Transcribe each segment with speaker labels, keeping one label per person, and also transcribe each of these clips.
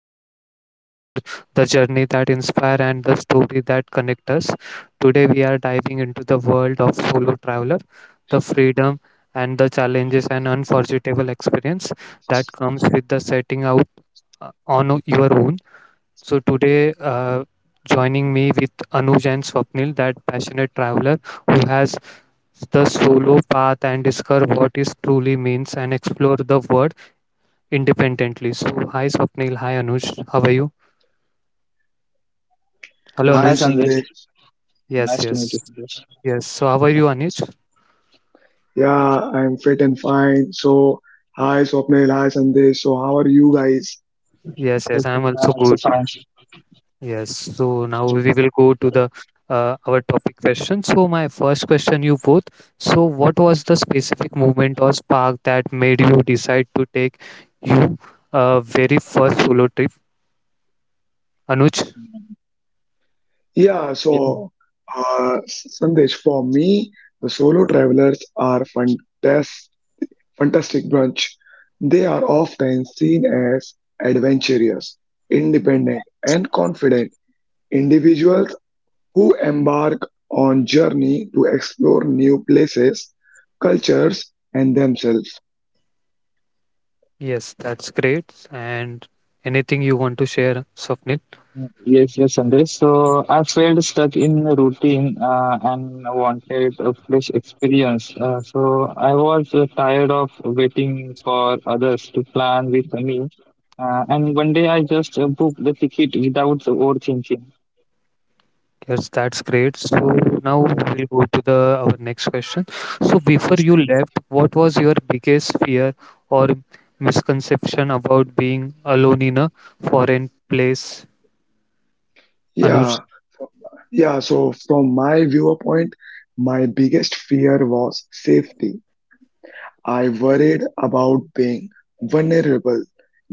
Speaker 1: show where we explore the journey that inspire and the story that connect us. Today, we are diving into the world of solo traveler, the freedom and the challenges and unforgettable experience that comes with the setting out on your own. So, today, joining me with Anuj and Swapnil, that passionate traveler who has the solo path and discover what is truly means and explore the world independently. So, hi Swapnil, hi Anuj, how are you? Hello
Speaker 2: Yes, hi
Speaker 3: Hi
Speaker 1: Anuj.
Speaker 2: Sandesh.
Speaker 3: Sandesh.
Speaker 1: Yes,
Speaker 2: Nice to meet you,
Speaker 1: yes,
Speaker 2: Sandesh.
Speaker 1: yes. So, how are you, Anuj?
Speaker 3: Yeah, I'm fit and fine. So, hi Swapnil. Hi Sandesh. So, how are you guys?
Speaker 1: Yes,
Speaker 2: Yes,
Speaker 1: yes.
Speaker 2: yes,
Speaker 1: I'm
Speaker 2: I'm
Speaker 1: also
Speaker 2: also
Speaker 1: good.
Speaker 2: fine.
Speaker 1: Yes. So now we will go to the our topic question. So my first question, you both. So what was the specific movement or spark that made you decide to take you very first solo trip, Anuj?
Speaker 3: Yeah,
Speaker 2: Yes, yes,
Speaker 3: so, uh, Sandesh, for me, the solo travelers are fantastic, fantastic bunch. They are often seen as adventurous, independent, and confident individuals who embark on journey to explore new places, cultures, and themselves.
Speaker 1: Yes, that's great. And anything you want to share, Swapnil?
Speaker 2: yes, Sandesh. So I felt stuck in a routine and wanted a fresh experience. So I was tired of waiting for others to plan with me. And one day I just booked the ticket without overthinking.
Speaker 1: Yes, that's great. So now we'll go to the our next question. So before you
Speaker 2: Yes.
Speaker 1: left, what was your biggest fear or misconception about being alone in a foreign place, Anuj?
Speaker 3: Yeah, Yeah, so from my viewpoint, my biggest fear was safety. I worried about being vulnerable,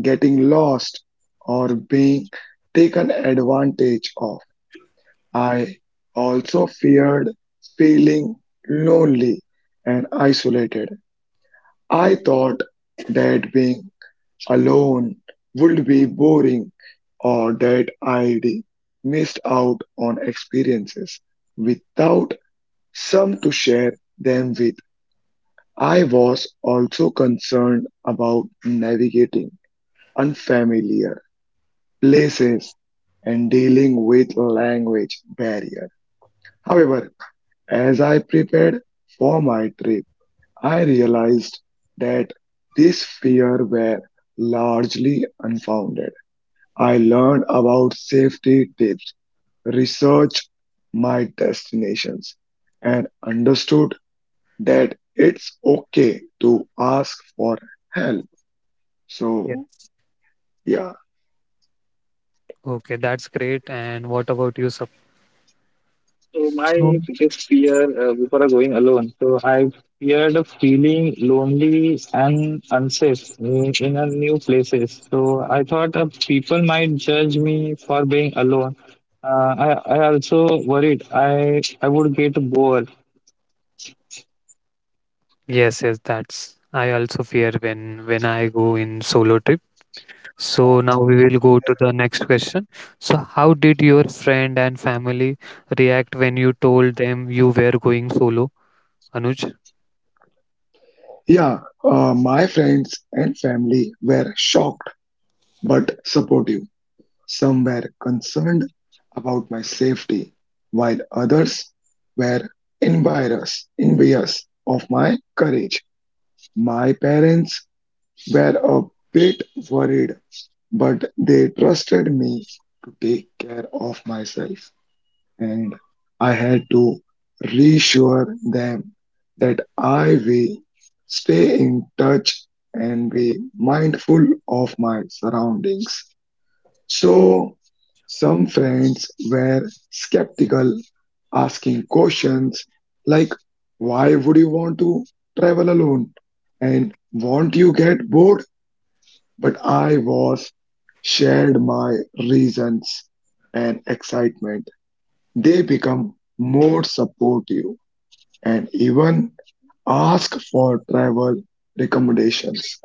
Speaker 3: getting lost, or being taken advantage of. I also feared feeling lonely and isolated. I thought that being alone would be boring or that I'd missed out on experiences without some to share them with. I was also concerned about navigating unfamiliar places and dealing with language barriers. However, as I prepared for my trip, I realized that these fears were largely unfounded. I learned about safety tips, researched my destinations, and understood that it's okay to ask for help.
Speaker 1: Yeah.
Speaker 3: So, yeah.
Speaker 1: Okay, that's great. And what about you, Sab?
Speaker 2: So my
Speaker 1: So
Speaker 2: biggest fear before going alone. So I feared of feeling lonely and unsafe in a new places. So I thought people might judge me for being alone. Uh, I I also worried I would get bored.
Speaker 1: yes, yes, that's I also fear when I go in solo trip. So
Speaker 2: Yeah.
Speaker 1: now we will go to the next question. So how did your friend and family react when you told them you were going solo? Anuj?
Speaker 3: Yeah, my friends and family were shocked but supportive. Some were concerned about my safety, while others were envious of my courage. My parents were a bit worried, but they trusted me to take care of myself. And I had to reassure them that I will stay in touch and be mindful of my surroundings. So, some friends were skeptical, asking questions like, why would you want to travel alone? And won't you get bored? But I was shared my reasons and excitement they become more supportive and even ask for travel recommendations.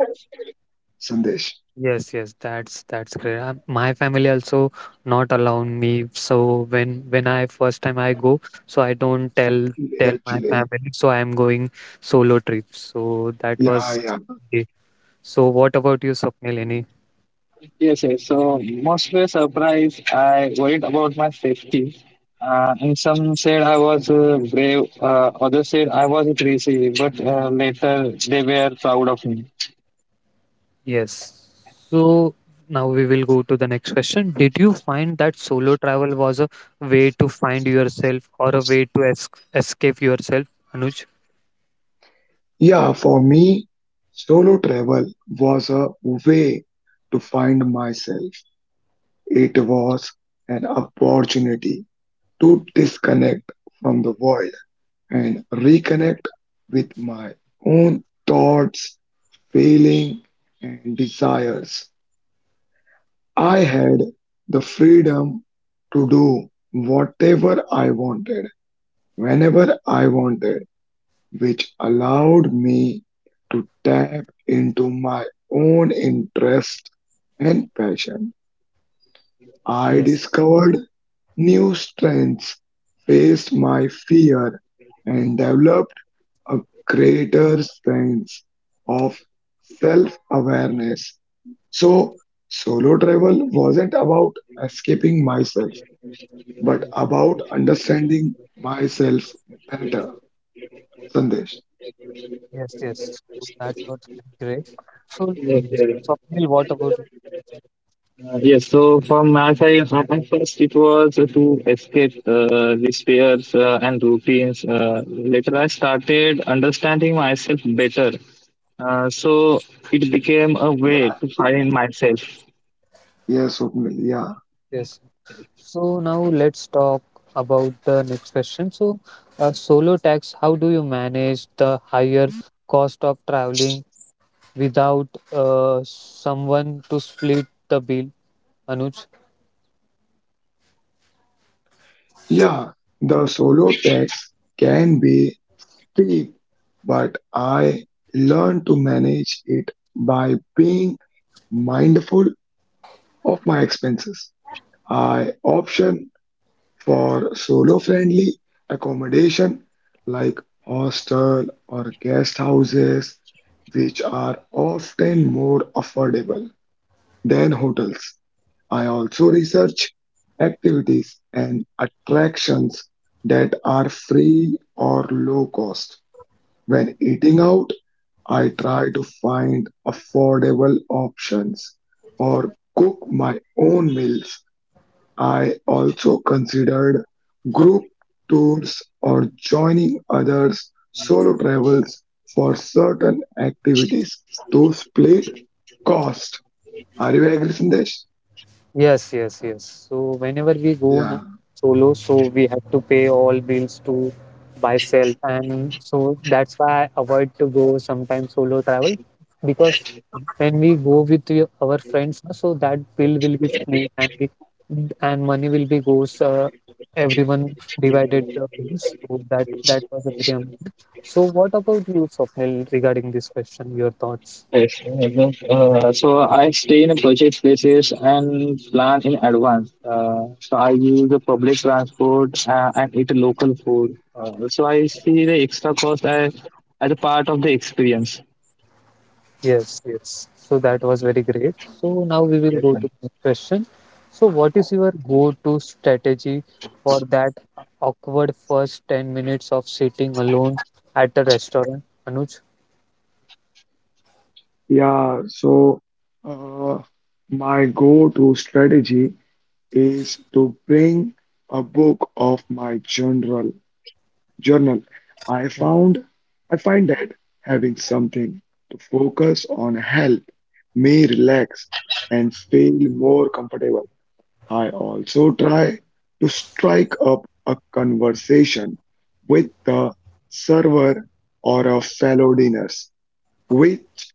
Speaker 3: Sandesh.
Speaker 1: Yes, yes, that's great. My family also not allowing me. So when I first time I go, so I don't tell
Speaker 3: Actually,
Speaker 1: tell my
Speaker 3: actually,
Speaker 1: family. So I am going solo trip. So that
Speaker 3: yeah,
Speaker 1: was
Speaker 3: yeah.
Speaker 1: it. So what about you, Swapnil? Any?
Speaker 2: Yes, yes. So most were surprised. I worried about my safety. And some said I was brave. Others said I was crazy. But later they were proud of me.
Speaker 1: Yes. So now we will go to the next question. Did you find that solo travel was a way to find yourself or a way to es escape yourself, Anuj?
Speaker 3: Yeah, for me, solo travel was a way to find myself. It was an opportunity to disconnect from the world and reconnect with my own thoughts, feelings, and desires. I had the freedom to do whatever I wanted, whenever I wanted, which allowed me to tap into my own interest and passion. I
Speaker 1: Yes,
Speaker 3: discovered new strengths, faced my fear, and developed a greater sense of self awareness. So, solo travel wasn't about escaping myself, but about understanding myself better. Sandesh.
Speaker 1: yes, yes. So that's what's been great. So Swapnil, what about you?
Speaker 2: Yes, so from my side, at first it was to escape these fears and routines. Later, I started understanding myself better. So it became a way to find myself.
Speaker 3: Yes, Swapnil. Yeah,
Speaker 1: Yes. So now let's talk about the next question. So, solo tax, how do you manage the higher cost of traveling without someone to split the bill, Anuj?
Speaker 3: Yeah, the solo tax can be steep, but I learned to manage it by being mindful of my expenses. I option for solo friendly accommodation like hostel or guest houses, which are often more affordable than hotels. I also research activities and attractions that are free or low cost. When eating out, I try to find affordable options or cook my own meals. I also considered group tours or joining others solo travels for certain activities to split cost. Are you agree, Sandesh?
Speaker 1: Yes, yes, yes. So whenever we go na solo,
Speaker 3: Yeah.
Speaker 1: so we have to pay all bills to myself, and so that's why I avoid to go sometimes solo travel because when we go with our friends, na, so that bill will be split and money will be goes everyone divided the bills. So that was a very. So what about you, Swapnil, regarding this question? Your thoughts?
Speaker 2: Yes, yes. So I stay in a budget places and plan in advance. So I use the public transport and eat local food. So I see the extra cost as a part of the experience.
Speaker 1: Yes, yes. So that was very great. So now we will
Speaker 2: Yes,
Speaker 1: go
Speaker 2: sir.
Speaker 1: to the next question. So what is your go-to strategy for that awkward first 10 minutes of sitting alone at a restaurant, Anuj?
Speaker 3: Yeah, so uh, my go-to strategy is to bring a book of my journal. Journal. I
Speaker 1: Y-
Speaker 3: found I find that having something to focus on help me relax and feel more comfortable. I also try to strike up a conversation with the server or a fellow diners, which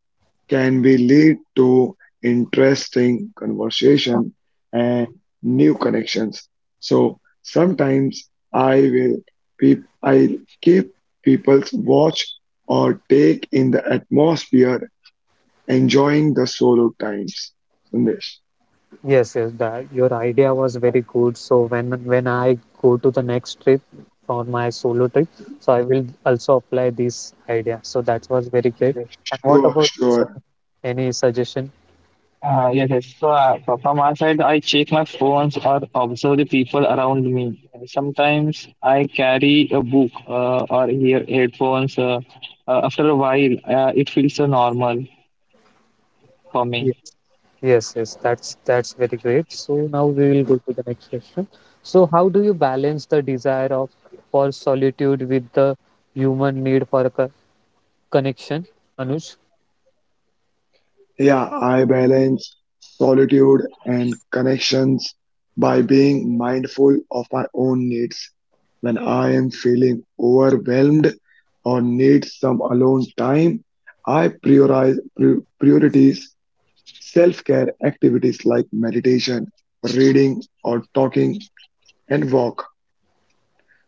Speaker 3: can be lead to interesting conversation and new connections. So sometimes I keep people's watch or take in the atmosphere, enjoying the solo times. Sandesh.
Speaker 1: Yes, yes, that your idea was very good. So when I go to the next trip for my solo trip, so I will also apply this idea. So that was very great.
Speaker 2: Yes.
Speaker 1: And
Speaker 3: Sure,
Speaker 1: what about you,
Speaker 3: sure.
Speaker 1: Swapnil? Any suggestion?
Speaker 2: Yes, yes. So from my side, I check my phones or observe the people around me. Sometimes I carry a book or hear headphones. After a while, it feels normal for me.
Speaker 1: Yes, yes, that's very great. So now we will go to the next question. So how do you balance the desire of for solitude with the human need for a connection, Anuj?
Speaker 3: Yeah, I balance solitude and connections by being mindful of my own needs. When I am feeling overwhelmed or need some alone time, priorities self-care activities like meditation, reading or talking and walk.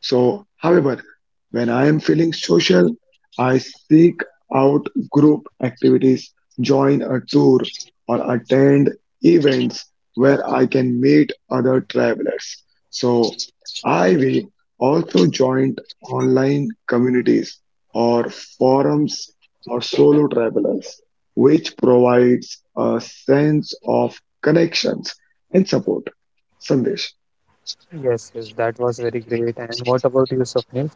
Speaker 3: So, however, when I am feeling social, I seek out group activities, join a tour, or attend events where I can meet other travelers. So, I will also join online communities or forums for solo travelers, which provides a sense of connections and support. Sandesh.
Speaker 1: Yes, yes, that was very great. And what about you, Swapnil?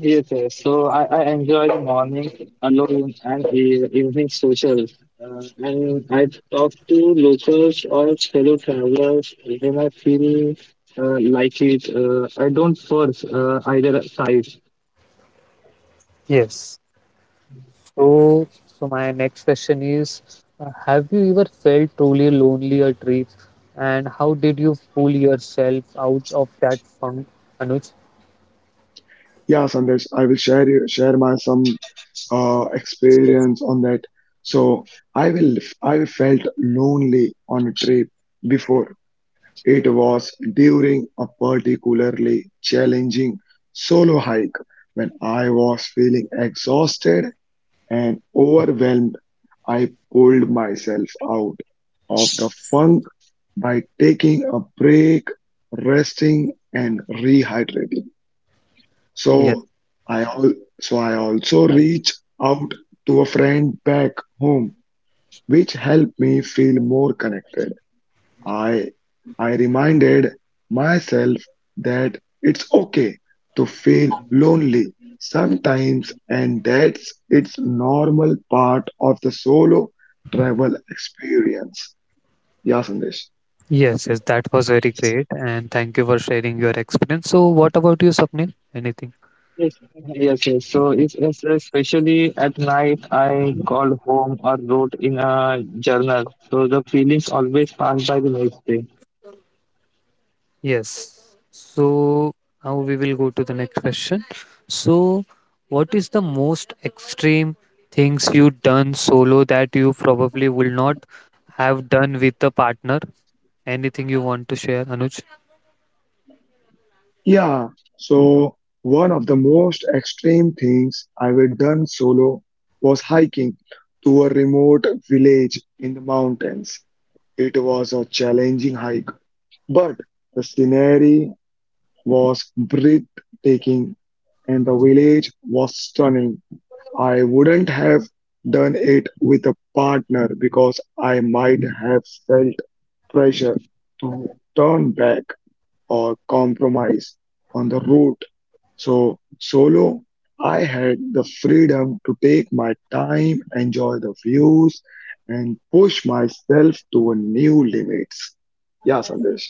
Speaker 2: Yes, yes. So I enjoy the morning alone and evening social. And I talk to locals or fellow travelers when I feel like it. I don't force either side.
Speaker 1: Yes. So so my next question is, have you ever felt truly lonely a trip, and how did you pull yourself out of that funk, Anuj?
Speaker 3: Yeah, Sandesh, I will share you- share my some experience on that. So I will I felt lonely on a trip before. It was during a particularly challenging solo hike when I was feeling exhausted and overwhelmed. I pulled myself out of the funk by taking a break, resting, and rehydrating.
Speaker 1: Yes.
Speaker 3: So I al- so I also reach out to a friend back home, which helped me feel more connected. I I reminded myself that it's okay to feel lonely sometimes, and that's its normal part of the solo travel experience. Yeah, Sandesh.
Speaker 1: Yes, yes, that was very
Speaker 2: Yes,
Speaker 1: great, and thank you for sharing your experience. So, what about you, Sapnil? Anything?
Speaker 2: yes. So it's especially at night, I called home or wrote in a journal. So the feelings always pass by the next day.
Speaker 1: Yes. So, now we will go to the next question. So, what is the most extreme things you done solo that you probably will not have done with a partner? Anything you want to share, Anuj?
Speaker 3: Yeah, so one of the most extreme things I have done solo was hiking to a remote village in the mountains. It was a challenging hike, but the scenery was breathtaking and the village was stunning. I wouldn't have done it with a partner because I might have felt pressure to turn back or compromise on the route so solo, I had the freedom to take my time, enjoy the views, and push myself to a new limits. Yeah, Sandesh.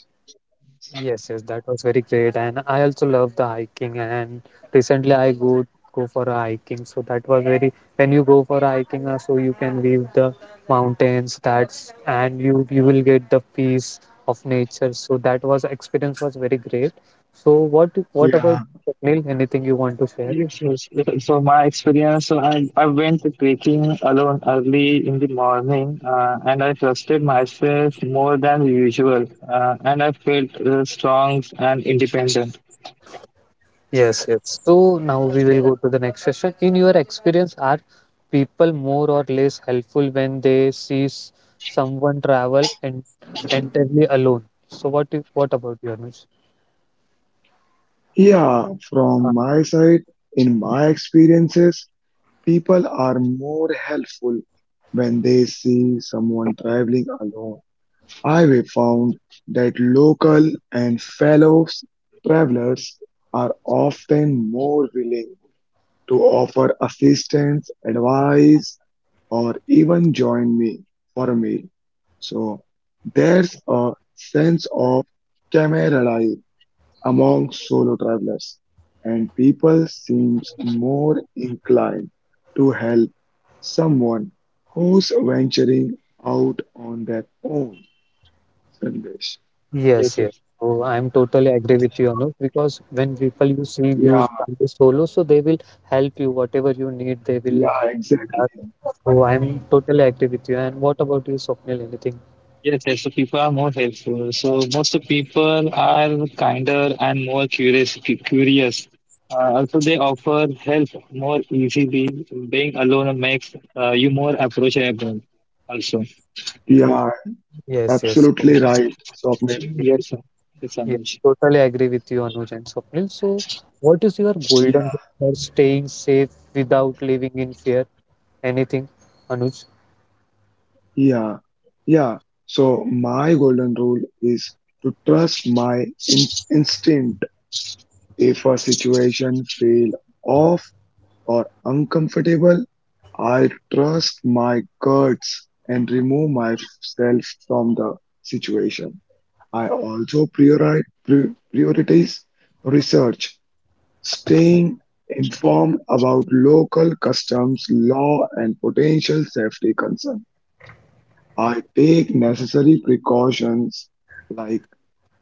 Speaker 1: Yes, yes, that was very great. And I also love the hiking. And recently I go for a hiking. So that was very when you go for a hiking, so you can view the mountains, that's and you will get the peace of nature. So that was experience was very great. So what about
Speaker 3: Yeah.
Speaker 1: Neil? Anything you want to share?
Speaker 2: Yes, yes. So my experience, so I went trekking alone early in the morning, and I trusted myself more than usual, and I felt strong and independent.
Speaker 1: Yes, yes. So now we will go to the next session. In your experience, are people more or less helpful when they see someone travel and entirely alone? So what about you, Anuj?
Speaker 3: Yeah,
Speaker 1: Uh,
Speaker 3: from my side, in my experiences, people are more helpful when they see someone traveling alone. I have found that local and fellow travelers are often more willing to offer assistance, advice, or even join me for a meal. So there's a sense of camaraderie among solo travelers, and people seems more inclined to help someone who's venturing out on their own, Sandesh.
Speaker 2: Yes,
Speaker 1: Yes, yes.
Speaker 2: yes,
Speaker 1: So I'm totally agree with you, Anuj, because when people you see
Speaker 3: Yeah,
Speaker 1: use travel solo, so they will help you whatever you need. They will.
Speaker 3: yeah, exactly.
Speaker 1: Uh, so I'm totally agree with you. And what about you, Swapnil? Anything?
Speaker 2: yes. So people are more helpful. So most of people are kinder and more curious. Also, they offer help more easily. Being alone makes you more approachable. Also,
Speaker 3: Yeah,
Speaker 1: Yes,
Speaker 3: absolutely
Speaker 1: yes.
Speaker 3: right, Swapnil.
Speaker 2: yes, sir. Yes, sir.
Speaker 1: Yes, totally agree with you, Anuj and Swapnil. So, what is your golden rule for staying safe without living in fear? Anything, Anuj?
Speaker 3: Yeah, yeah. So my golden rule is to trust my in instinct. If a situation feel off or uncomfortable, I trust my guts and remove myself from the situation. I also priori pri- prioritize research, staying informed about local customs, law, and potential safety concerns. I take necessary precautions like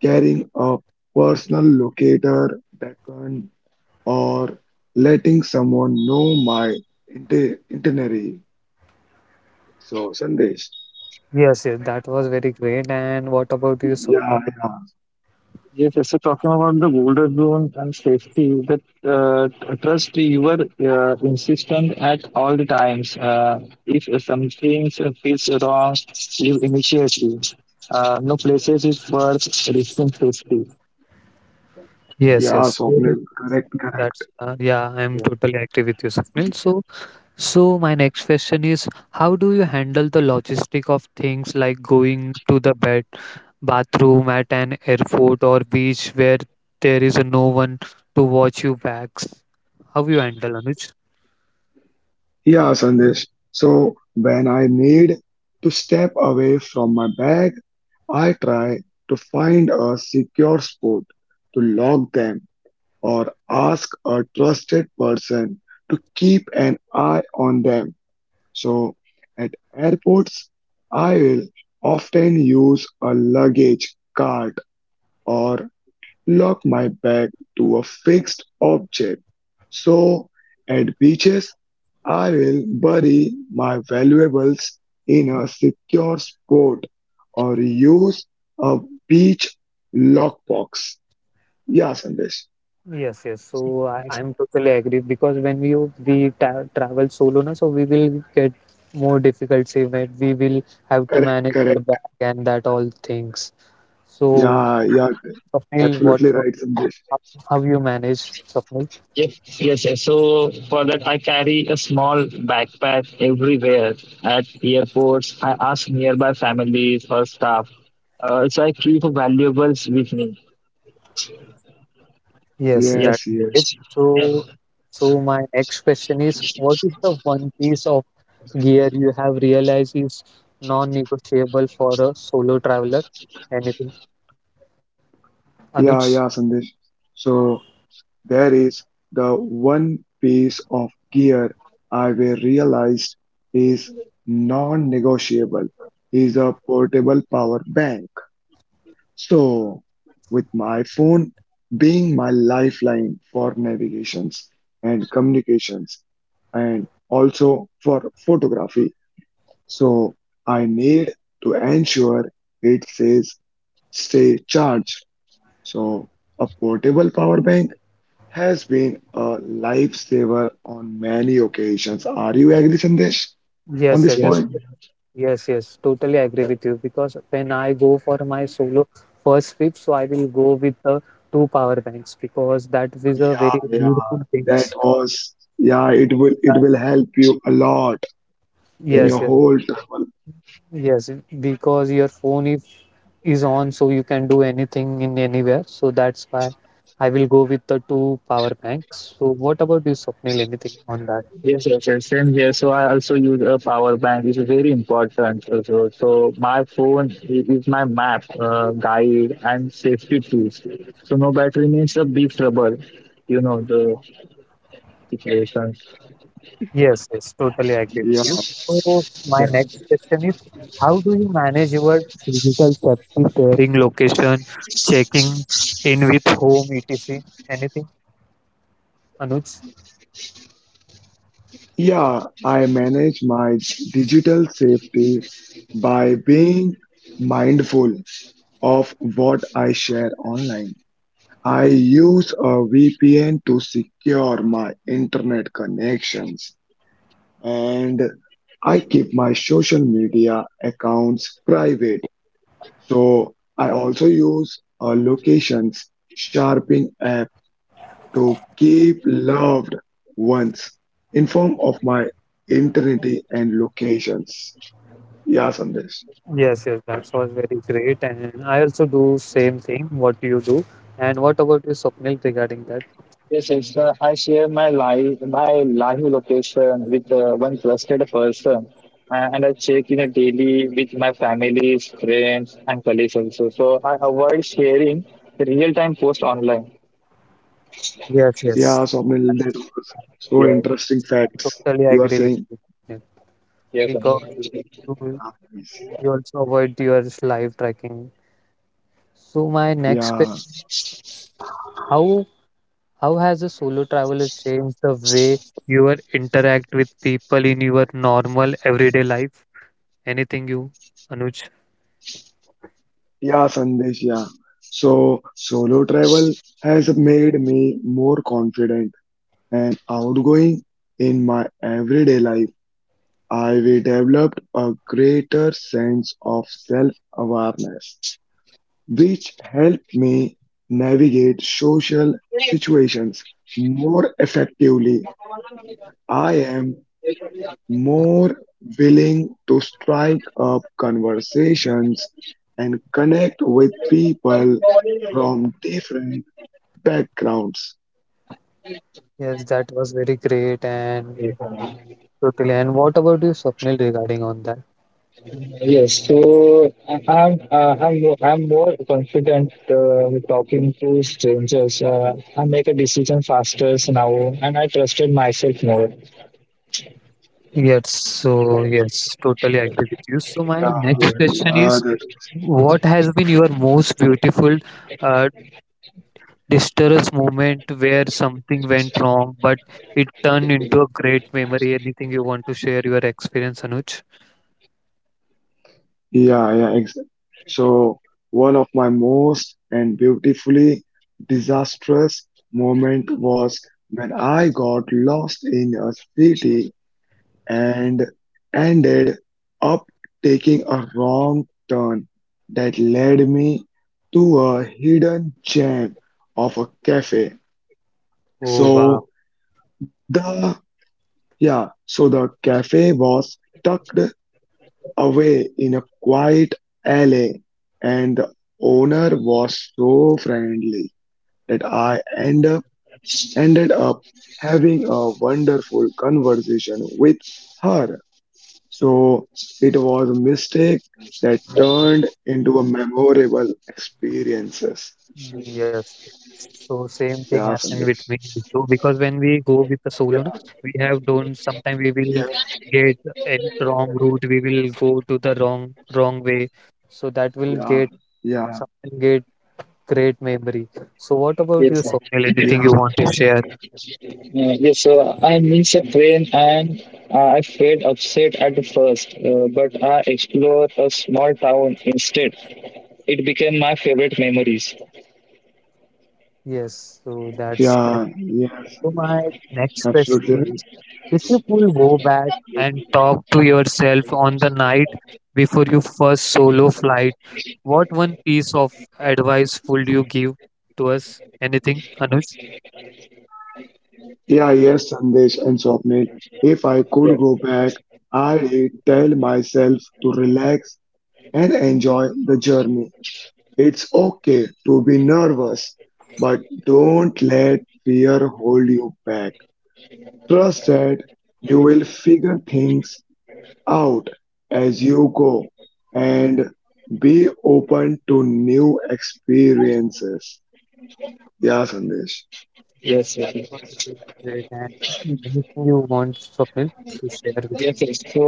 Speaker 3: carrying a personal locator beacon or letting someone know itinerary. So, Sandesh.
Speaker 1: Yes, yes, that was very great. And what about you,
Speaker 3: Yeah,
Speaker 1: Swapnil?
Speaker 2: Yes, yes. So talking about the golden rule and safety, that uh, trust your insistent at all the times. If something feels wrong, leave immediately. No places is worth risking safety.
Speaker 1: Yes,
Speaker 3: yeah,
Speaker 1: yes. So
Speaker 3: Swapnil. Correct, correct.
Speaker 1: that's yeah, I'm
Speaker 2: Yeah.
Speaker 1: totally agree with you, Swapnil. So, my next question is, how do you handle the logistic of things like going to the bed, bathroom at an airport or beach where there is no one to watch you bags? How you handle, Anuj?
Speaker 3: Yeah, Sandesh. So, when I need to step away from my bag, I try to find a secure spot to lock them or ask a trusted person to keep an eye on them. So at airports, I will often use a luggage cart or lock my bag to a fixed object. So at beaches, I will bury my valuables in a secure spot or use a beach lockbox. Yeah, Sandesh.
Speaker 1: Yes, yes. So
Speaker 2: Yes.
Speaker 1: I'm totally agree because when we ta travel solo, na, so we will get more difficult, say where we will have to
Speaker 3: Correct,
Speaker 1: manage our
Speaker 3: correct.
Speaker 1: bag and that all things. So
Speaker 3: Yeah, yeah,
Speaker 1: Swapnil,
Speaker 3: absolutely right, Sandesh.
Speaker 1: how, how you manage Swapnil?
Speaker 2: Yes. So for that, I carry a small backpack everywhere at airports. I ask nearby families or staff. So I keep valuables with me.
Speaker 1: Yes, that's
Speaker 2: Yes,
Speaker 3: Yes,
Speaker 1: it.
Speaker 2: yes,
Speaker 1: So my next question is, what is the one piece of gear you have realized is non-negotiable for a solo traveler? Anything, Anuj?
Speaker 3: yeah, Sandesh. So there is the one piece of gear I will realized is non-negotiable is a portable power bank. So with my phone being my lifeline for navigations and communications and also for photography. So I need to ensure it stays stay charged. So, a portable power bank has been a lifesaver on many occasions. Are you agree, Sandesh,
Speaker 1: Yes,
Speaker 3: on this
Speaker 1: sir.
Speaker 2: yes.
Speaker 3: point?
Speaker 1: Yes, yes, totally agree with you because when I go for my solo first trip, so I will go with the two power banks because that is a
Speaker 3: Yeah,
Speaker 1: very
Speaker 3: yeah,
Speaker 1: beautiful thing. That-
Speaker 3: it will help you a lot in your
Speaker 1: yes,
Speaker 2: Yes.
Speaker 1: yes,
Speaker 3: whole travel.
Speaker 1: yes, because your phone if, is on, so you can do anything in anywhere. So that's why I will go with the two power banks. So what about you, Swapnil? Anything on that?
Speaker 2: Yes, yes, yes, same here. So I also use a power bank. It's very important also. So so my phone is my map, guide, and safety tools. So no battery means a big trouble, you know the situation.
Speaker 1: Yes, yes, totally agree with
Speaker 3: Yeah.
Speaker 1: you. So my next
Speaker 2: Yeah.
Speaker 1: question is, how do you manage your digital safety sharing location, checking in with home, etc. Anything, Anuj?
Speaker 3: Yeah, I manage my digital safety by being mindful of what I online. I use a VPN to secure my internet connections and I keep my social media accounts private. So I also use a locations sharping app to keep loved ones informed of my identity and locations. Yeah, Sandesh.
Speaker 1: Yes, yes, that was very great, and I also do same thing. What you do, and what about you, Swapnil, regarding that?
Speaker 2: Yes, yes. I share my live location with one trusted person, and I check in a daily with my families, friends, and colleagues also. So I avoid sharing the real time post online.
Speaker 1: Yes, yes,
Speaker 3: Yeah,
Speaker 1: I
Speaker 3: Swapnil, that was so
Speaker 2: Yeah.
Speaker 3: interesting
Speaker 1: I
Speaker 3: facts
Speaker 1: totally
Speaker 3: you are
Speaker 1: agree with
Speaker 3: saying.
Speaker 1: you yeah,
Speaker 2: Yes.
Speaker 1: because
Speaker 2: Amit.
Speaker 1: you, you also avoid your live tracking. So my next
Speaker 3: Yeah.
Speaker 1: question, how How has a solo traveler changed the way you are interact with people in your normal everyday life? Anything you, Anuj?
Speaker 3: Yeah, Sandesh, yeah. So solo travel has made me more confident and outgoing in my everyday life. I we developed a greater sense of self-awareness, which helped me navigate social situations more effectively. I am more willing to strike up conversations and connect with people from different backgrounds.
Speaker 1: Yes, that was very great and totally. And what about you, Swapnil, regarding on that?
Speaker 2: Yes, so I'm more confident with talking to strangers. I make a decision faster now, and I trusted myself more.
Speaker 1: Yes, so yes, totally agree with you. So
Speaker 3: Yeah,
Speaker 1: my
Speaker 2: Yeah.
Speaker 1: next question
Speaker 3: yeah,
Speaker 1: is,
Speaker 3: that,
Speaker 1: what has been your most beautiful, uh, disastrous moment where something went wrong, but it turned into a great memory? Anything you want to share your experience, Anuj?
Speaker 3: yeah, exactly. So one of my most and beautifully disastrous moment was when I got lost in a city and ended up taking a wrong turn that led me to a hidden gem of a cafe.
Speaker 1: Oh, wow.
Speaker 3: So the yeah, so the cafe was tucked away in a quiet alley, and the owner was so friendly that ended up having a wonderful conversation with her. So it was a mistake that turned into a memorable experiences.
Speaker 1: Yes, yes. So same thing happened
Speaker 3: Yeah,
Speaker 1: with me
Speaker 3: Sandesh.
Speaker 1: too because when we go with the solo,
Speaker 3: Yeah,
Speaker 1: na, we have done sometime we will
Speaker 3: yes,
Speaker 1: get a wrong route, we will go to the wrong way, so that will
Speaker 3: yeah,
Speaker 1: get
Speaker 3: yeah,
Speaker 1: something get great memory. So what about you,
Speaker 2: Yes, sir.
Speaker 1: Sonal?
Speaker 2: Uh,
Speaker 3: yeah,
Speaker 1: Anything you want to share?
Speaker 2: yes. So I missed a train, and I felt upset at the first, but I explored a small town instead. It became my favorite memories.
Speaker 1: Yes, so that's great.
Speaker 3: yeah, yes,
Speaker 1: To
Speaker 3: yes.
Speaker 1: my next
Speaker 3: Absolutely
Speaker 1: question.
Speaker 3: right.
Speaker 1: If you could go back and talk to yourself on the night before your first solo flight, what one piece of advice would you give to us? Anything, Anuj?
Speaker 3: Yeah, yes, Sandesh and Swapnil. If I
Speaker 2: Yeah.
Speaker 3: could go back, I'd tell myself to relax and enjoy the journey. It's okay to be nervous, but don't let fear hold you back. Trust that you will figure things out as you go and be open to new experiences. Yeah, Sandesh.
Speaker 1: Yes,
Speaker 2: Yes.
Speaker 1: that was
Speaker 2: yes.
Speaker 1: really great. And anything you want, Swapnil, to share with
Speaker 2: Yes,
Speaker 1: us?
Speaker 2: yes. So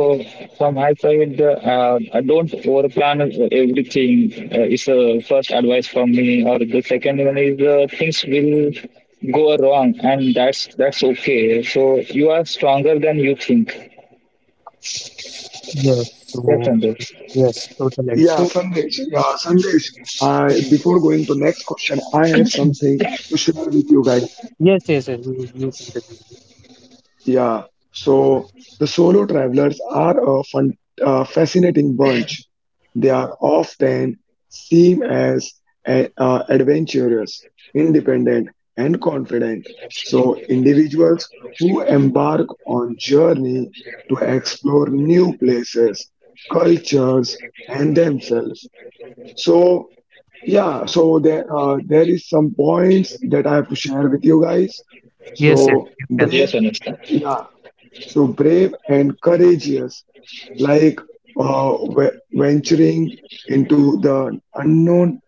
Speaker 2: from my side, don't overplan everything. Is the first advice from me. Or the second one is things will go wrong, and that's okay. So you are stronger than you think.
Speaker 1: Yes,
Speaker 2: Yes,
Speaker 1: so,
Speaker 2: Anuj.
Speaker 1: yes, totally. So,
Speaker 3: Yeah, Sandesh. I, before going to next question, I have something to share with you guys.
Speaker 1: yes, yes, yes, you continue.
Speaker 3: Yeah, so the solo travelers are a fun, fascinating bunch. They are often seen as adventurous, independent, and confident. So individuals who embark on journey to explore new places, cultures, and themselves. So there is some points that I have to share with you guys.
Speaker 1: Yes, yes,
Speaker 3: So
Speaker 1: you can.
Speaker 3: brave.
Speaker 2: Yes, Anuj.
Speaker 3: Yeah. So brave and courageous, like venturing into the unknown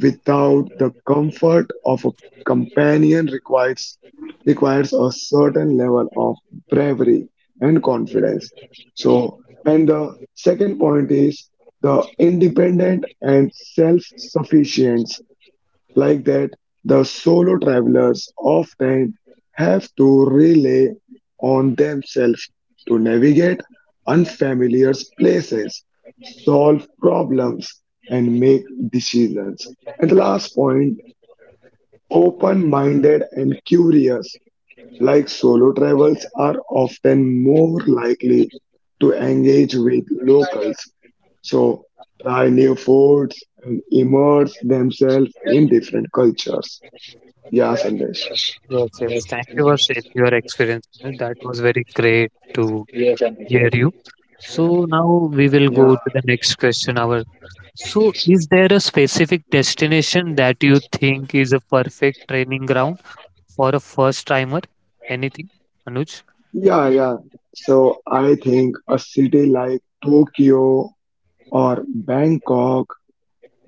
Speaker 3: without the comfort of a companion requires a certain level of bravery and confidence. So, and the second point is the independent and self-sufficient. Like that, the solo travelers often have to rely on themselves to navigate unfamiliar places, solve problems, and make decisions. And the last point open minded and curious, like solo travels, are often more likely to engage with locals. So, try new foods and immerse themselves in different cultures. Yeah, Sandesh.
Speaker 1: Yes, yes. Thank you for sharing your experience. That was very great to
Speaker 2: Yes, Anuj.
Speaker 1: hear you. So now we will
Speaker 3: Yeah,
Speaker 1: go to the next question. Our so is there a specific destination that you think is a perfect training ground for a first timer? Anything, Anuj?
Speaker 3: yeah. So I think a city like Tokyo or Bangkok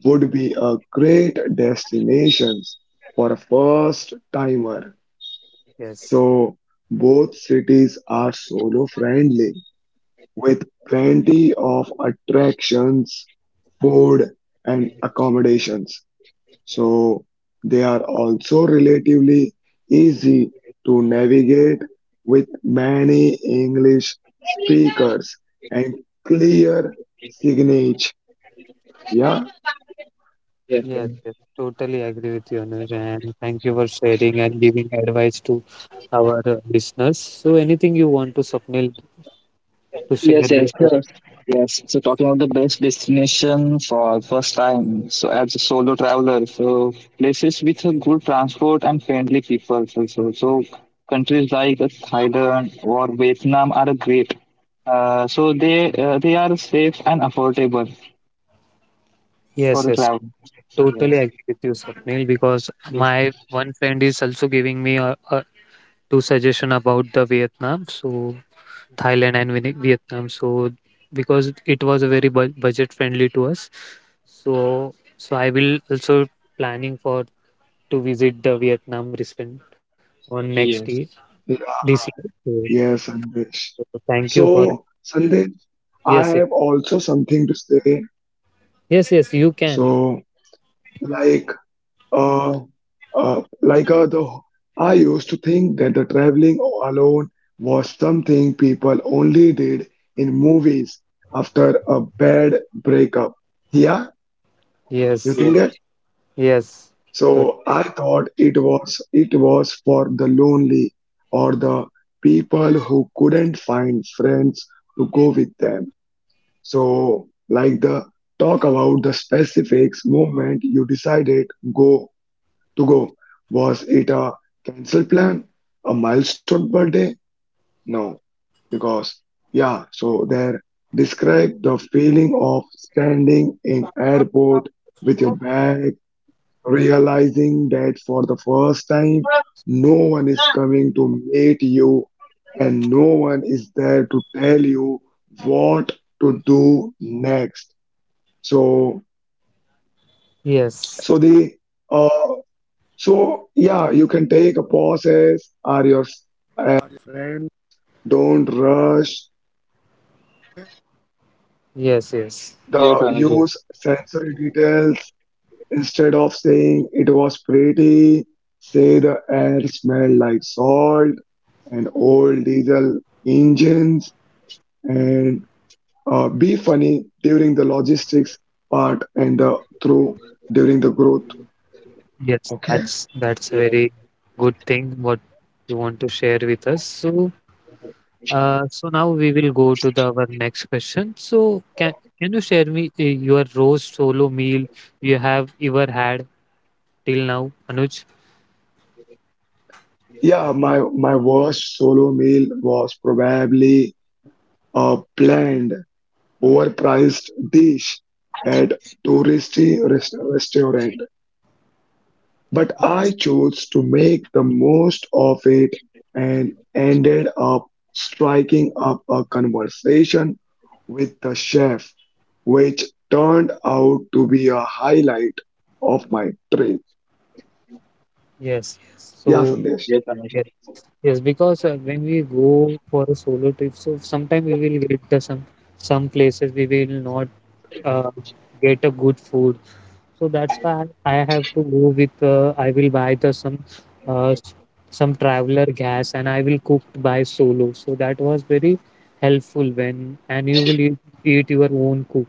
Speaker 3: would be a great destination for a first timer.
Speaker 1: Yes,
Speaker 3: So both cities are solo friendly with plenty of attractions, food, and accommodations. So they are also relatively easy to navigate with many English speakers and clear signage. Yeah,
Speaker 2: Yes,
Speaker 1: yes,
Speaker 2: Anuj.
Speaker 1: yes. Totally agree with you, Anuj, and thank you for sharing and giving advice to our listeners. So anything you want to Swapnil to share
Speaker 2: Yes,
Speaker 1: with
Speaker 2: yes,
Speaker 1: the-
Speaker 2: sure. Yes. So talking about the best destination for first time. So as a solo traveler, so places with a good transport and friendly people also. So so countries like Thailand or Vietnam are great. So they are safe and affordable for
Speaker 1: Yes,
Speaker 2: a
Speaker 1: yes.
Speaker 2: travel.
Speaker 1: Totally
Speaker 2: Yes.
Speaker 1: agree with you, Swapnil, because
Speaker 2: Yes.
Speaker 1: my one friend is also giving me a two suggestion about the Vietnam, so Thailand and Vietnam. So because it was a very budget friendly to us, so I will also planning for to visit the Vietnam recent on next year
Speaker 2: Yes.
Speaker 1: this year. So,
Speaker 3: yes, Sandesh.
Speaker 1: so thank you for.
Speaker 3: So, Sandesh, I
Speaker 1: Yes, yes,
Speaker 3: have also something to say.
Speaker 1: yes, yes, you can.
Speaker 3: So, like uh, like the I used to think that the traveling alone was something people only did in movies after a bad breakup. Yeah, you
Speaker 1: Yes,
Speaker 3: think that?
Speaker 2: Yes.
Speaker 1: yes, to,
Speaker 3: So I thought it was for the lonely, or the people who couldn't find friends to go with them. So like, the talk about the specifics moment you decided go to go. Was it a cancel plan? A milestone birthday? No. Because, yeah, so there, describe the feeling of standing in airport with your bag, realizing that for the first time, no one is coming to meet you and no one is there to tell you what to do next. So,
Speaker 1: yes,
Speaker 3: so the, uh, So yeah, you can take a pause as or your.
Speaker 1: yes, yes,
Speaker 2: Yes, Anuj.
Speaker 3: Say the air smelled like salt and old diesel engines. And be funny during the logistics part and the through during the growth.
Speaker 1: yes,
Speaker 3: Okay.
Speaker 1: that's a
Speaker 2: Yes,
Speaker 1: very
Speaker 2: Anuja.
Speaker 1: good thing what you want to share with us. So now we will go to the our next question. So can you share me your roast solo meal you have ever had till now, Anuj?
Speaker 3: Yeah, my worst solo meal was probably a planned overpriced dish at touristy restaurant. But I chose to make the most of it and ended up striking up a conversation with the chef, which turned out to be a highlight of my trip.
Speaker 1: Yes, yes.
Speaker 3: Yeah,
Speaker 1: So
Speaker 3: Sandesh.
Speaker 2: Yes,
Speaker 1: yes, yes, because when we go for a solo trip, so sometimes we will get the some places we will not uh, get a good food. So that's why I have to go with I will buy the some uh, s- some traveler gas and I will cook by solo. So that was very helpful when and you will eat your own cook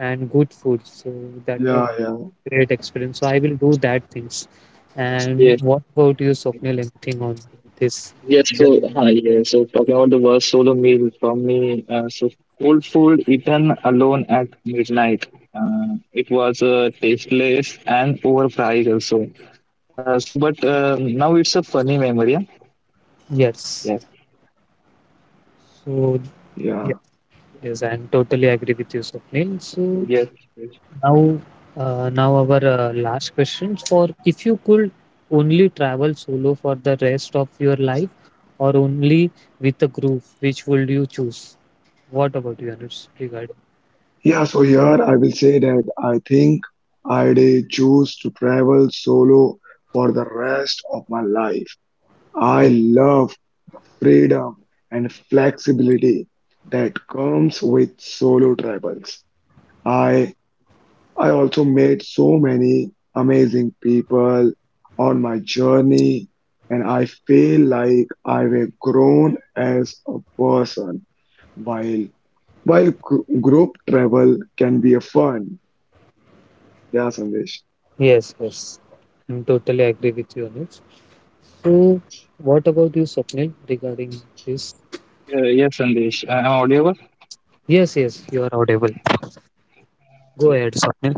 Speaker 1: and good food. So that was
Speaker 3: Yeah, yeah,
Speaker 1: great experience. So I will do that things. And what about you, Swapnil? Anything on this?
Speaker 2: yes, so
Speaker 1: Yeah.
Speaker 2: hi. Yeah, so talking about the worst solo meal from me, so cold food eaten alone at midnight. It was tasteless and overpriced also. But now it's a funny memory. Yeah.
Speaker 1: Yes. So
Speaker 3: yeah.
Speaker 1: yeah, yes, I'm totally agree with you, Swapnil. So
Speaker 2: Yes. Yes. Yes,
Speaker 1: Now, now our last questions for if you could only travel solo for the rest of your life or only with a group, which would you choose? What about you, Anuj, regarding?
Speaker 3: Yeah, so here I will say that I think I'd choose to travel solo for the rest of my life. I
Speaker 1: Y-
Speaker 3: love freedom and flexibility that comes with solo travels. I I also met so many amazing people on my journey and I feel like I've grown as a person while while group travel can be a fun. Yeah, Sandesh.
Speaker 1: Yes, yes. I'm totally agree with you, Anuj. So, what about you, Swapnil, regarding this?
Speaker 2: yes, Sandesh. Am I audible?
Speaker 1: Yes, yes, you are audible. Go ahead, Swapnil.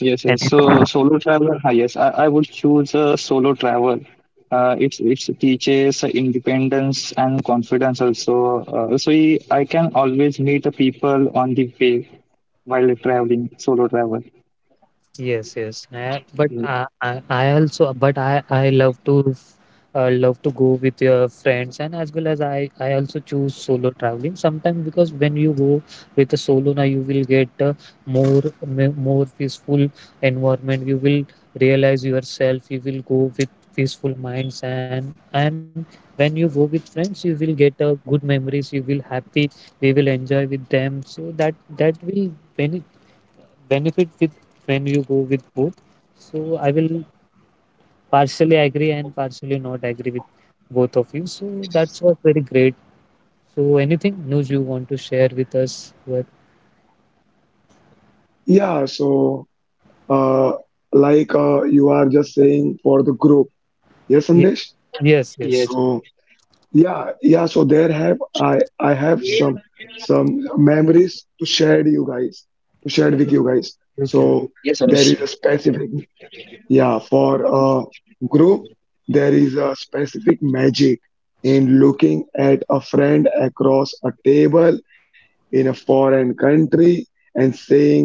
Speaker 2: Yes,
Speaker 1: And
Speaker 2: yes. So solo travel, ah, yes, I would choose a solo travel. It's teaches independence and confidence also. I can always meet the people on the way while traveling solo travel.
Speaker 1: yes, yes. But
Speaker 2: Mm.
Speaker 1: I also, but I love to love to go with your friends, and as well as I also choose solo traveling sometimes because when you go with a solo, now you will get more peaceful environment. You will realize yourself. You will go with peaceful minds, and when you go with friends, you will get good memories. You will happy. We will enjoy with them. So that will benefit benefit with when you go with both. So I will partially agree and partially not agree with both of you. So that's what very great. So anything news you want to share with us? What?
Speaker 3: Yeah, so uh like you are just saying for the group. Yes,
Speaker 1: Ye-
Speaker 3: Sandesh?
Speaker 1: Yes, yes,
Speaker 2: Yes,
Speaker 3: So yeah so there have I have some memories to share with you guys.
Speaker 1: you can.
Speaker 3: So
Speaker 1: You,
Speaker 2: yes,
Speaker 3: there is
Speaker 2: Anush.
Speaker 3: a specific, yeah, for a group, there is a specific magic in looking at a friend across a table in a foreign country and saying,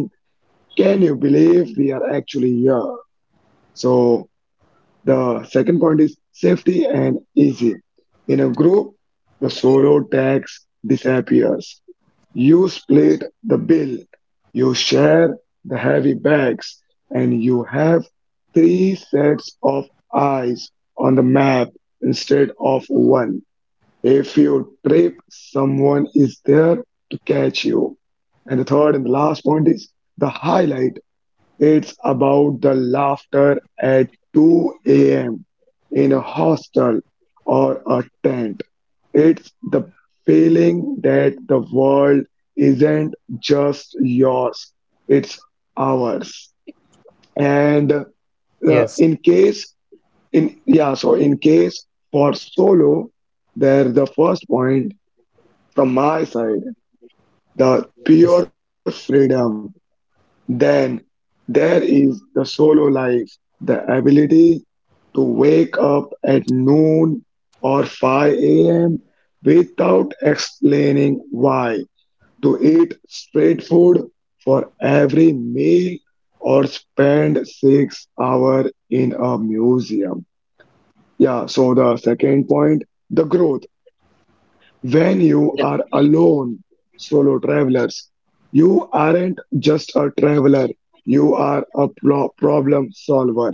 Speaker 3: can you believe we are actually here? So the second point is safety and easy. In a group, the solo tax disappears. You split the bill, you share the heavy bags, and you have three sets of eyes on the map instead of one. If you trip, someone is there to catch you. And the third and the last point is the highlight. It's about the laughter at 2 a.m. in a hostel or a tent. It's the feeling that the world isn't just yours, it's ours. And
Speaker 1: yes,
Speaker 3: in case, in yeah, so in case for solo, there the first point from my side, the
Speaker 1: yes,
Speaker 3: pure freedom. Then there is the solo life, the ability to wake up at noon or 5 a.m. without explaining why, to eat street food for every meal or spend 6 hours in a museum. Yeah, so the second point, the growth when you
Speaker 2: Yes,
Speaker 3: are alone, solo travelers. You aren't just a traveler, you are a problem solver.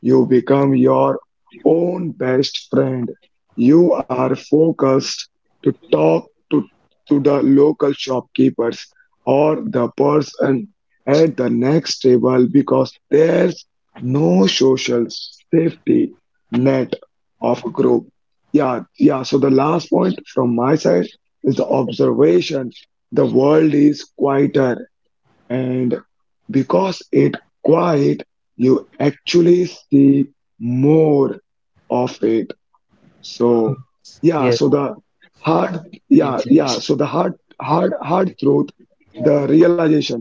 Speaker 3: You become your own best friend. You are focused to to the local shopkeepers or the person at the next table because there's no social safety net of group. Yeah, yeah. So the last point from my side is the observation. The world is quieter, and because it quiet, you actually see more of it. So yeah,
Speaker 1: yes,
Speaker 3: so the hard
Speaker 2: yes,
Speaker 3: yeah,
Speaker 2: yes,
Speaker 3: yeah. So the hard hard truth, the realization.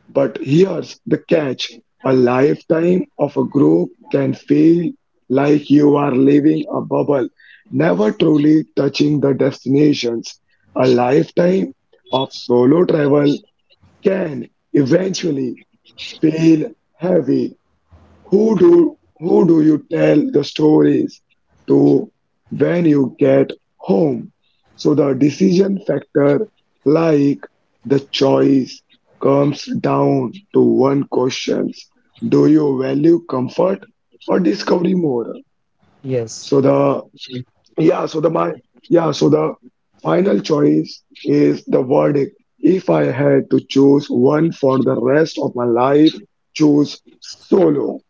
Speaker 3: But here's the catch, a lifetime of a group can feel like you are living a bubble, never truly touching the destinations. A lifetime of solo travel can eventually feel heavy. Who do you tell the stories to when you get home? So the decision factor, like the choice, comes down to one question: do you value comfort or discovery more?
Speaker 1: yes,
Speaker 3: So the yeah, so the my yeah, so the Final choice is the verdict. If I had to choose one for the rest of my life, choose solo,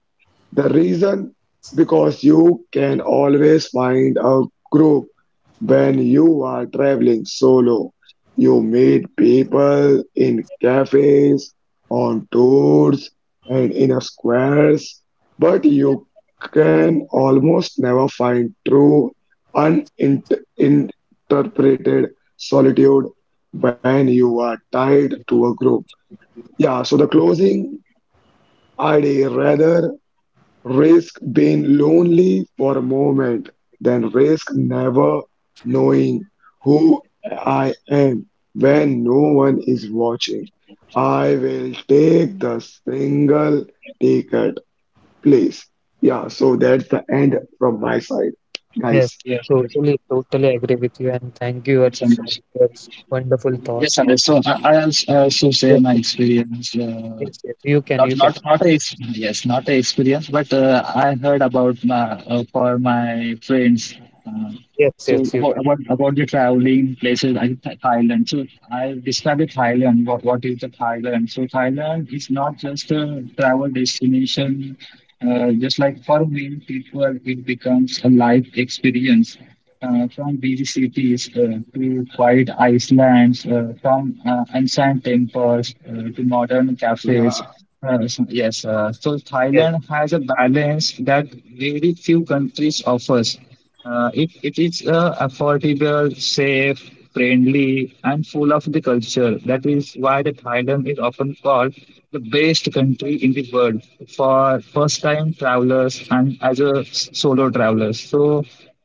Speaker 3: the reason because you can always find a group when you are traveling solo. You meet people in cafes, on tours, and in a squares, but you can almost never find true uninterpreted solitude when you are tied to a group. Yeah, so the closing idea rather, risk being lonely for a moment, then risk never knowing who I am when no one is watching. I will take the single ticket, please. Yeah, so that's the end from my side,
Speaker 1: yes.
Speaker 3: guys.
Speaker 2: yes, yes,
Speaker 1: Totally, totally agree with you, and thank you
Speaker 2: yes,
Speaker 1: for
Speaker 2: Anush.
Speaker 1: your wonderful
Speaker 2: Yes,
Speaker 1: thoughts on
Speaker 2: Anush.
Speaker 1: that.
Speaker 2: So I also also share
Speaker 1: Yes,
Speaker 2: my
Speaker 1: yes,
Speaker 2: experience. Uh,
Speaker 1: yes, yes. You can,
Speaker 2: not
Speaker 1: you can.
Speaker 2: not not a ex- yes not a experience but I heard about my, for my friends uh,
Speaker 1: Yes, yes,
Speaker 2: so
Speaker 1: you can.
Speaker 2: about the traveling places, I think Thailand. So I described the Thailand. What is the Thailand? So Thailand is not just a travel destination. Just like for many people, it becomes a life experience. From busy cities to quiet islands, from ancient temples to
Speaker 3: Yeah,
Speaker 2: modern cafes. So
Speaker 1: Yes,
Speaker 2: Thailand has a balance that very few countries offers. It is affordable, safe, friendly, and full of the culture. That is why the Thailand is often called the best country in the world for first-time travelers and as a solo travelers. So,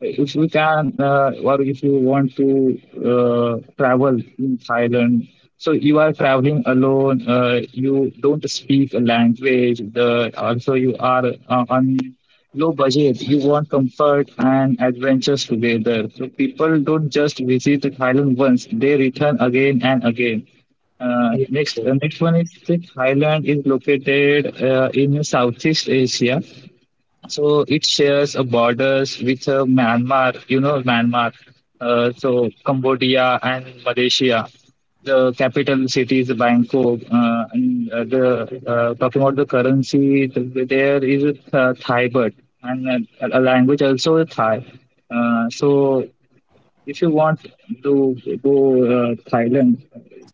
Speaker 2: if you can or if you want to travel in Thailand, so you are traveling alone. You don't speak a language. The, also, you are on low budget. You want comfort and adventures together. So people don't just visit Thailand once; they return again and again.
Speaker 1: yes, yes.
Speaker 2: Next one is that Thailand is located in Southeast Asia, so it shares a borders with Myanmar, you know, Myanmar, so Cambodia and Malaysia. The capital city is Bangkok, and the talking about the currency, the, there is Thai baht, and a language also Thai. So if you want to go Thailand,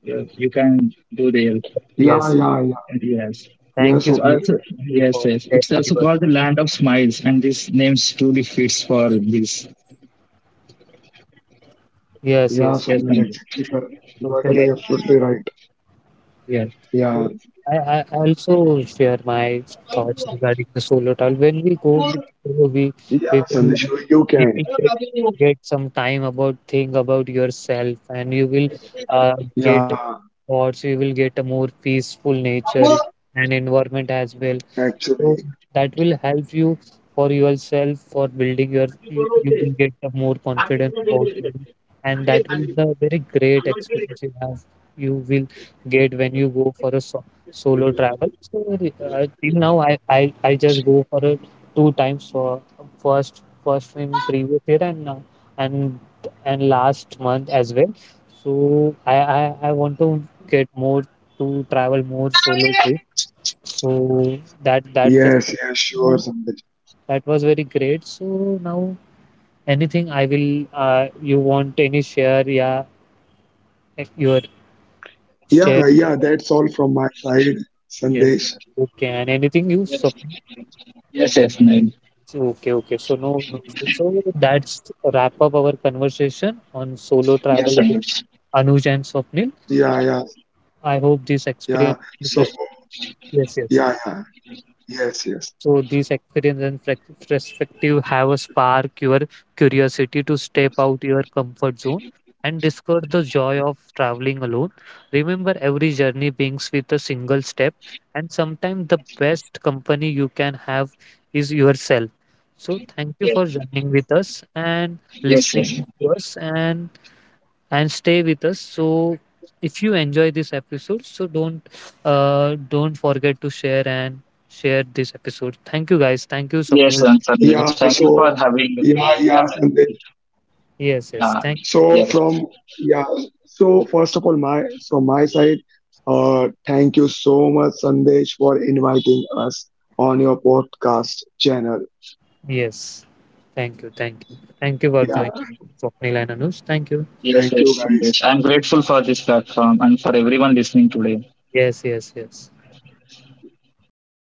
Speaker 2: you can go there.
Speaker 3: yeah,
Speaker 1: Yes.
Speaker 3: yeah, yeah.
Speaker 2: Yes.
Speaker 3: Yeah,
Speaker 1: Thank you
Speaker 2: So
Speaker 3: Swapnil.
Speaker 2: also, yes,
Speaker 1: for
Speaker 2: yes.
Speaker 1: sharing
Speaker 2: It's also
Speaker 1: your
Speaker 2: called the land of smiles, and this name truly fits for this.
Speaker 1: yes,
Speaker 3: Yeah,
Speaker 1: yes,
Speaker 2: Yes,
Speaker 3: Swapnil,
Speaker 2: Sanjay.
Speaker 3: exactly correct. You are telling
Speaker 1: totally
Speaker 3: absolutely right.
Speaker 2: Yes,
Speaker 3: Yeah,
Speaker 1: agree. I also share my thoughts regarding the solo travel. When we go with solo, we
Speaker 3: yeah,
Speaker 1: we will
Speaker 3: Sandesh, you
Speaker 1: we
Speaker 3: can.
Speaker 1: will get some time about think about yourself, and you will
Speaker 3: Yeah,
Speaker 1: get or you will get a more peaceful nature and environment as well.
Speaker 3: actually.
Speaker 1: So that will help you for yourself for building your you will get a more confidence about you and that will be a very great experience you have you will get when you go for a solo travel. So till now I just go for a two times for first in previous year and now and and last month as well. So I want to get more to travel more solo too. So that just
Speaker 3: Yes, yes, sure,
Speaker 1: so
Speaker 3: Sandesh.
Speaker 1: that was very great. So now anything I will you want any share? Yeah, eh, your share.
Speaker 3: Yeah, yeah, that's all from my side,
Speaker 1: Yes.
Speaker 3: Sandesh.
Speaker 1: Okay, and anything you submit.
Speaker 2: yes, yes, Sanjay.
Speaker 1: Okay, okay. So no, no. So so that's wrap up our conversation on solo
Speaker 2: Yes,
Speaker 1: travel with
Speaker 2: Sanjay.
Speaker 1: Anuj and Swapnil.
Speaker 3: Yeah, yeah,
Speaker 1: I hope this
Speaker 3: yeah.
Speaker 1: experience.
Speaker 3: So,
Speaker 1: Yes, yes.
Speaker 3: yeah, yeah, yes, yes.
Speaker 1: So these experience and perspective have a spark your curiosity to step out your comfort zone and discover the joy of traveling alone. Remember, every journey begins with a single step, and sometimes the best company you can have is yourself. So thank you
Speaker 2: Yes,
Speaker 1: for joining with us and
Speaker 2: yes, yes.
Speaker 1: listening to us and stay with us. So if you enjoy this episode, so don't forget to share this episode. Thank you guys. Thank you,
Speaker 2: Yes,
Speaker 1: Swapnil.
Speaker 2: and Sanjay.
Speaker 3: Yeah,
Speaker 2: Thank you for
Speaker 3: so,
Speaker 2: having
Speaker 3: yeah,
Speaker 2: me.
Speaker 3: yeah, Sandesh.
Speaker 1: Yes, yes.
Speaker 2: Uh,
Speaker 1: Thank
Speaker 3: So,
Speaker 2: yes,
Speaker 3: from, yeah, so First of all, my, from my side, thank you so much, Sandesh, for inviting us on your podcast channel.
Speaker 1: yes. Thank you. Thank you. Thank you for
Speaker 2: yes,
Speaker 3: Yeah,
Speaker 1: joining, Swapnil and Anush. Thank you.
Speaker 2: yes,
Speaker 3: thank
Speaker 2: yes,
Speaker 3: you, guys.
Speaker 2: Sanjay. I'm grateful for this platform and for everyone listening today.
Speaker 1: Yes, yes, yes.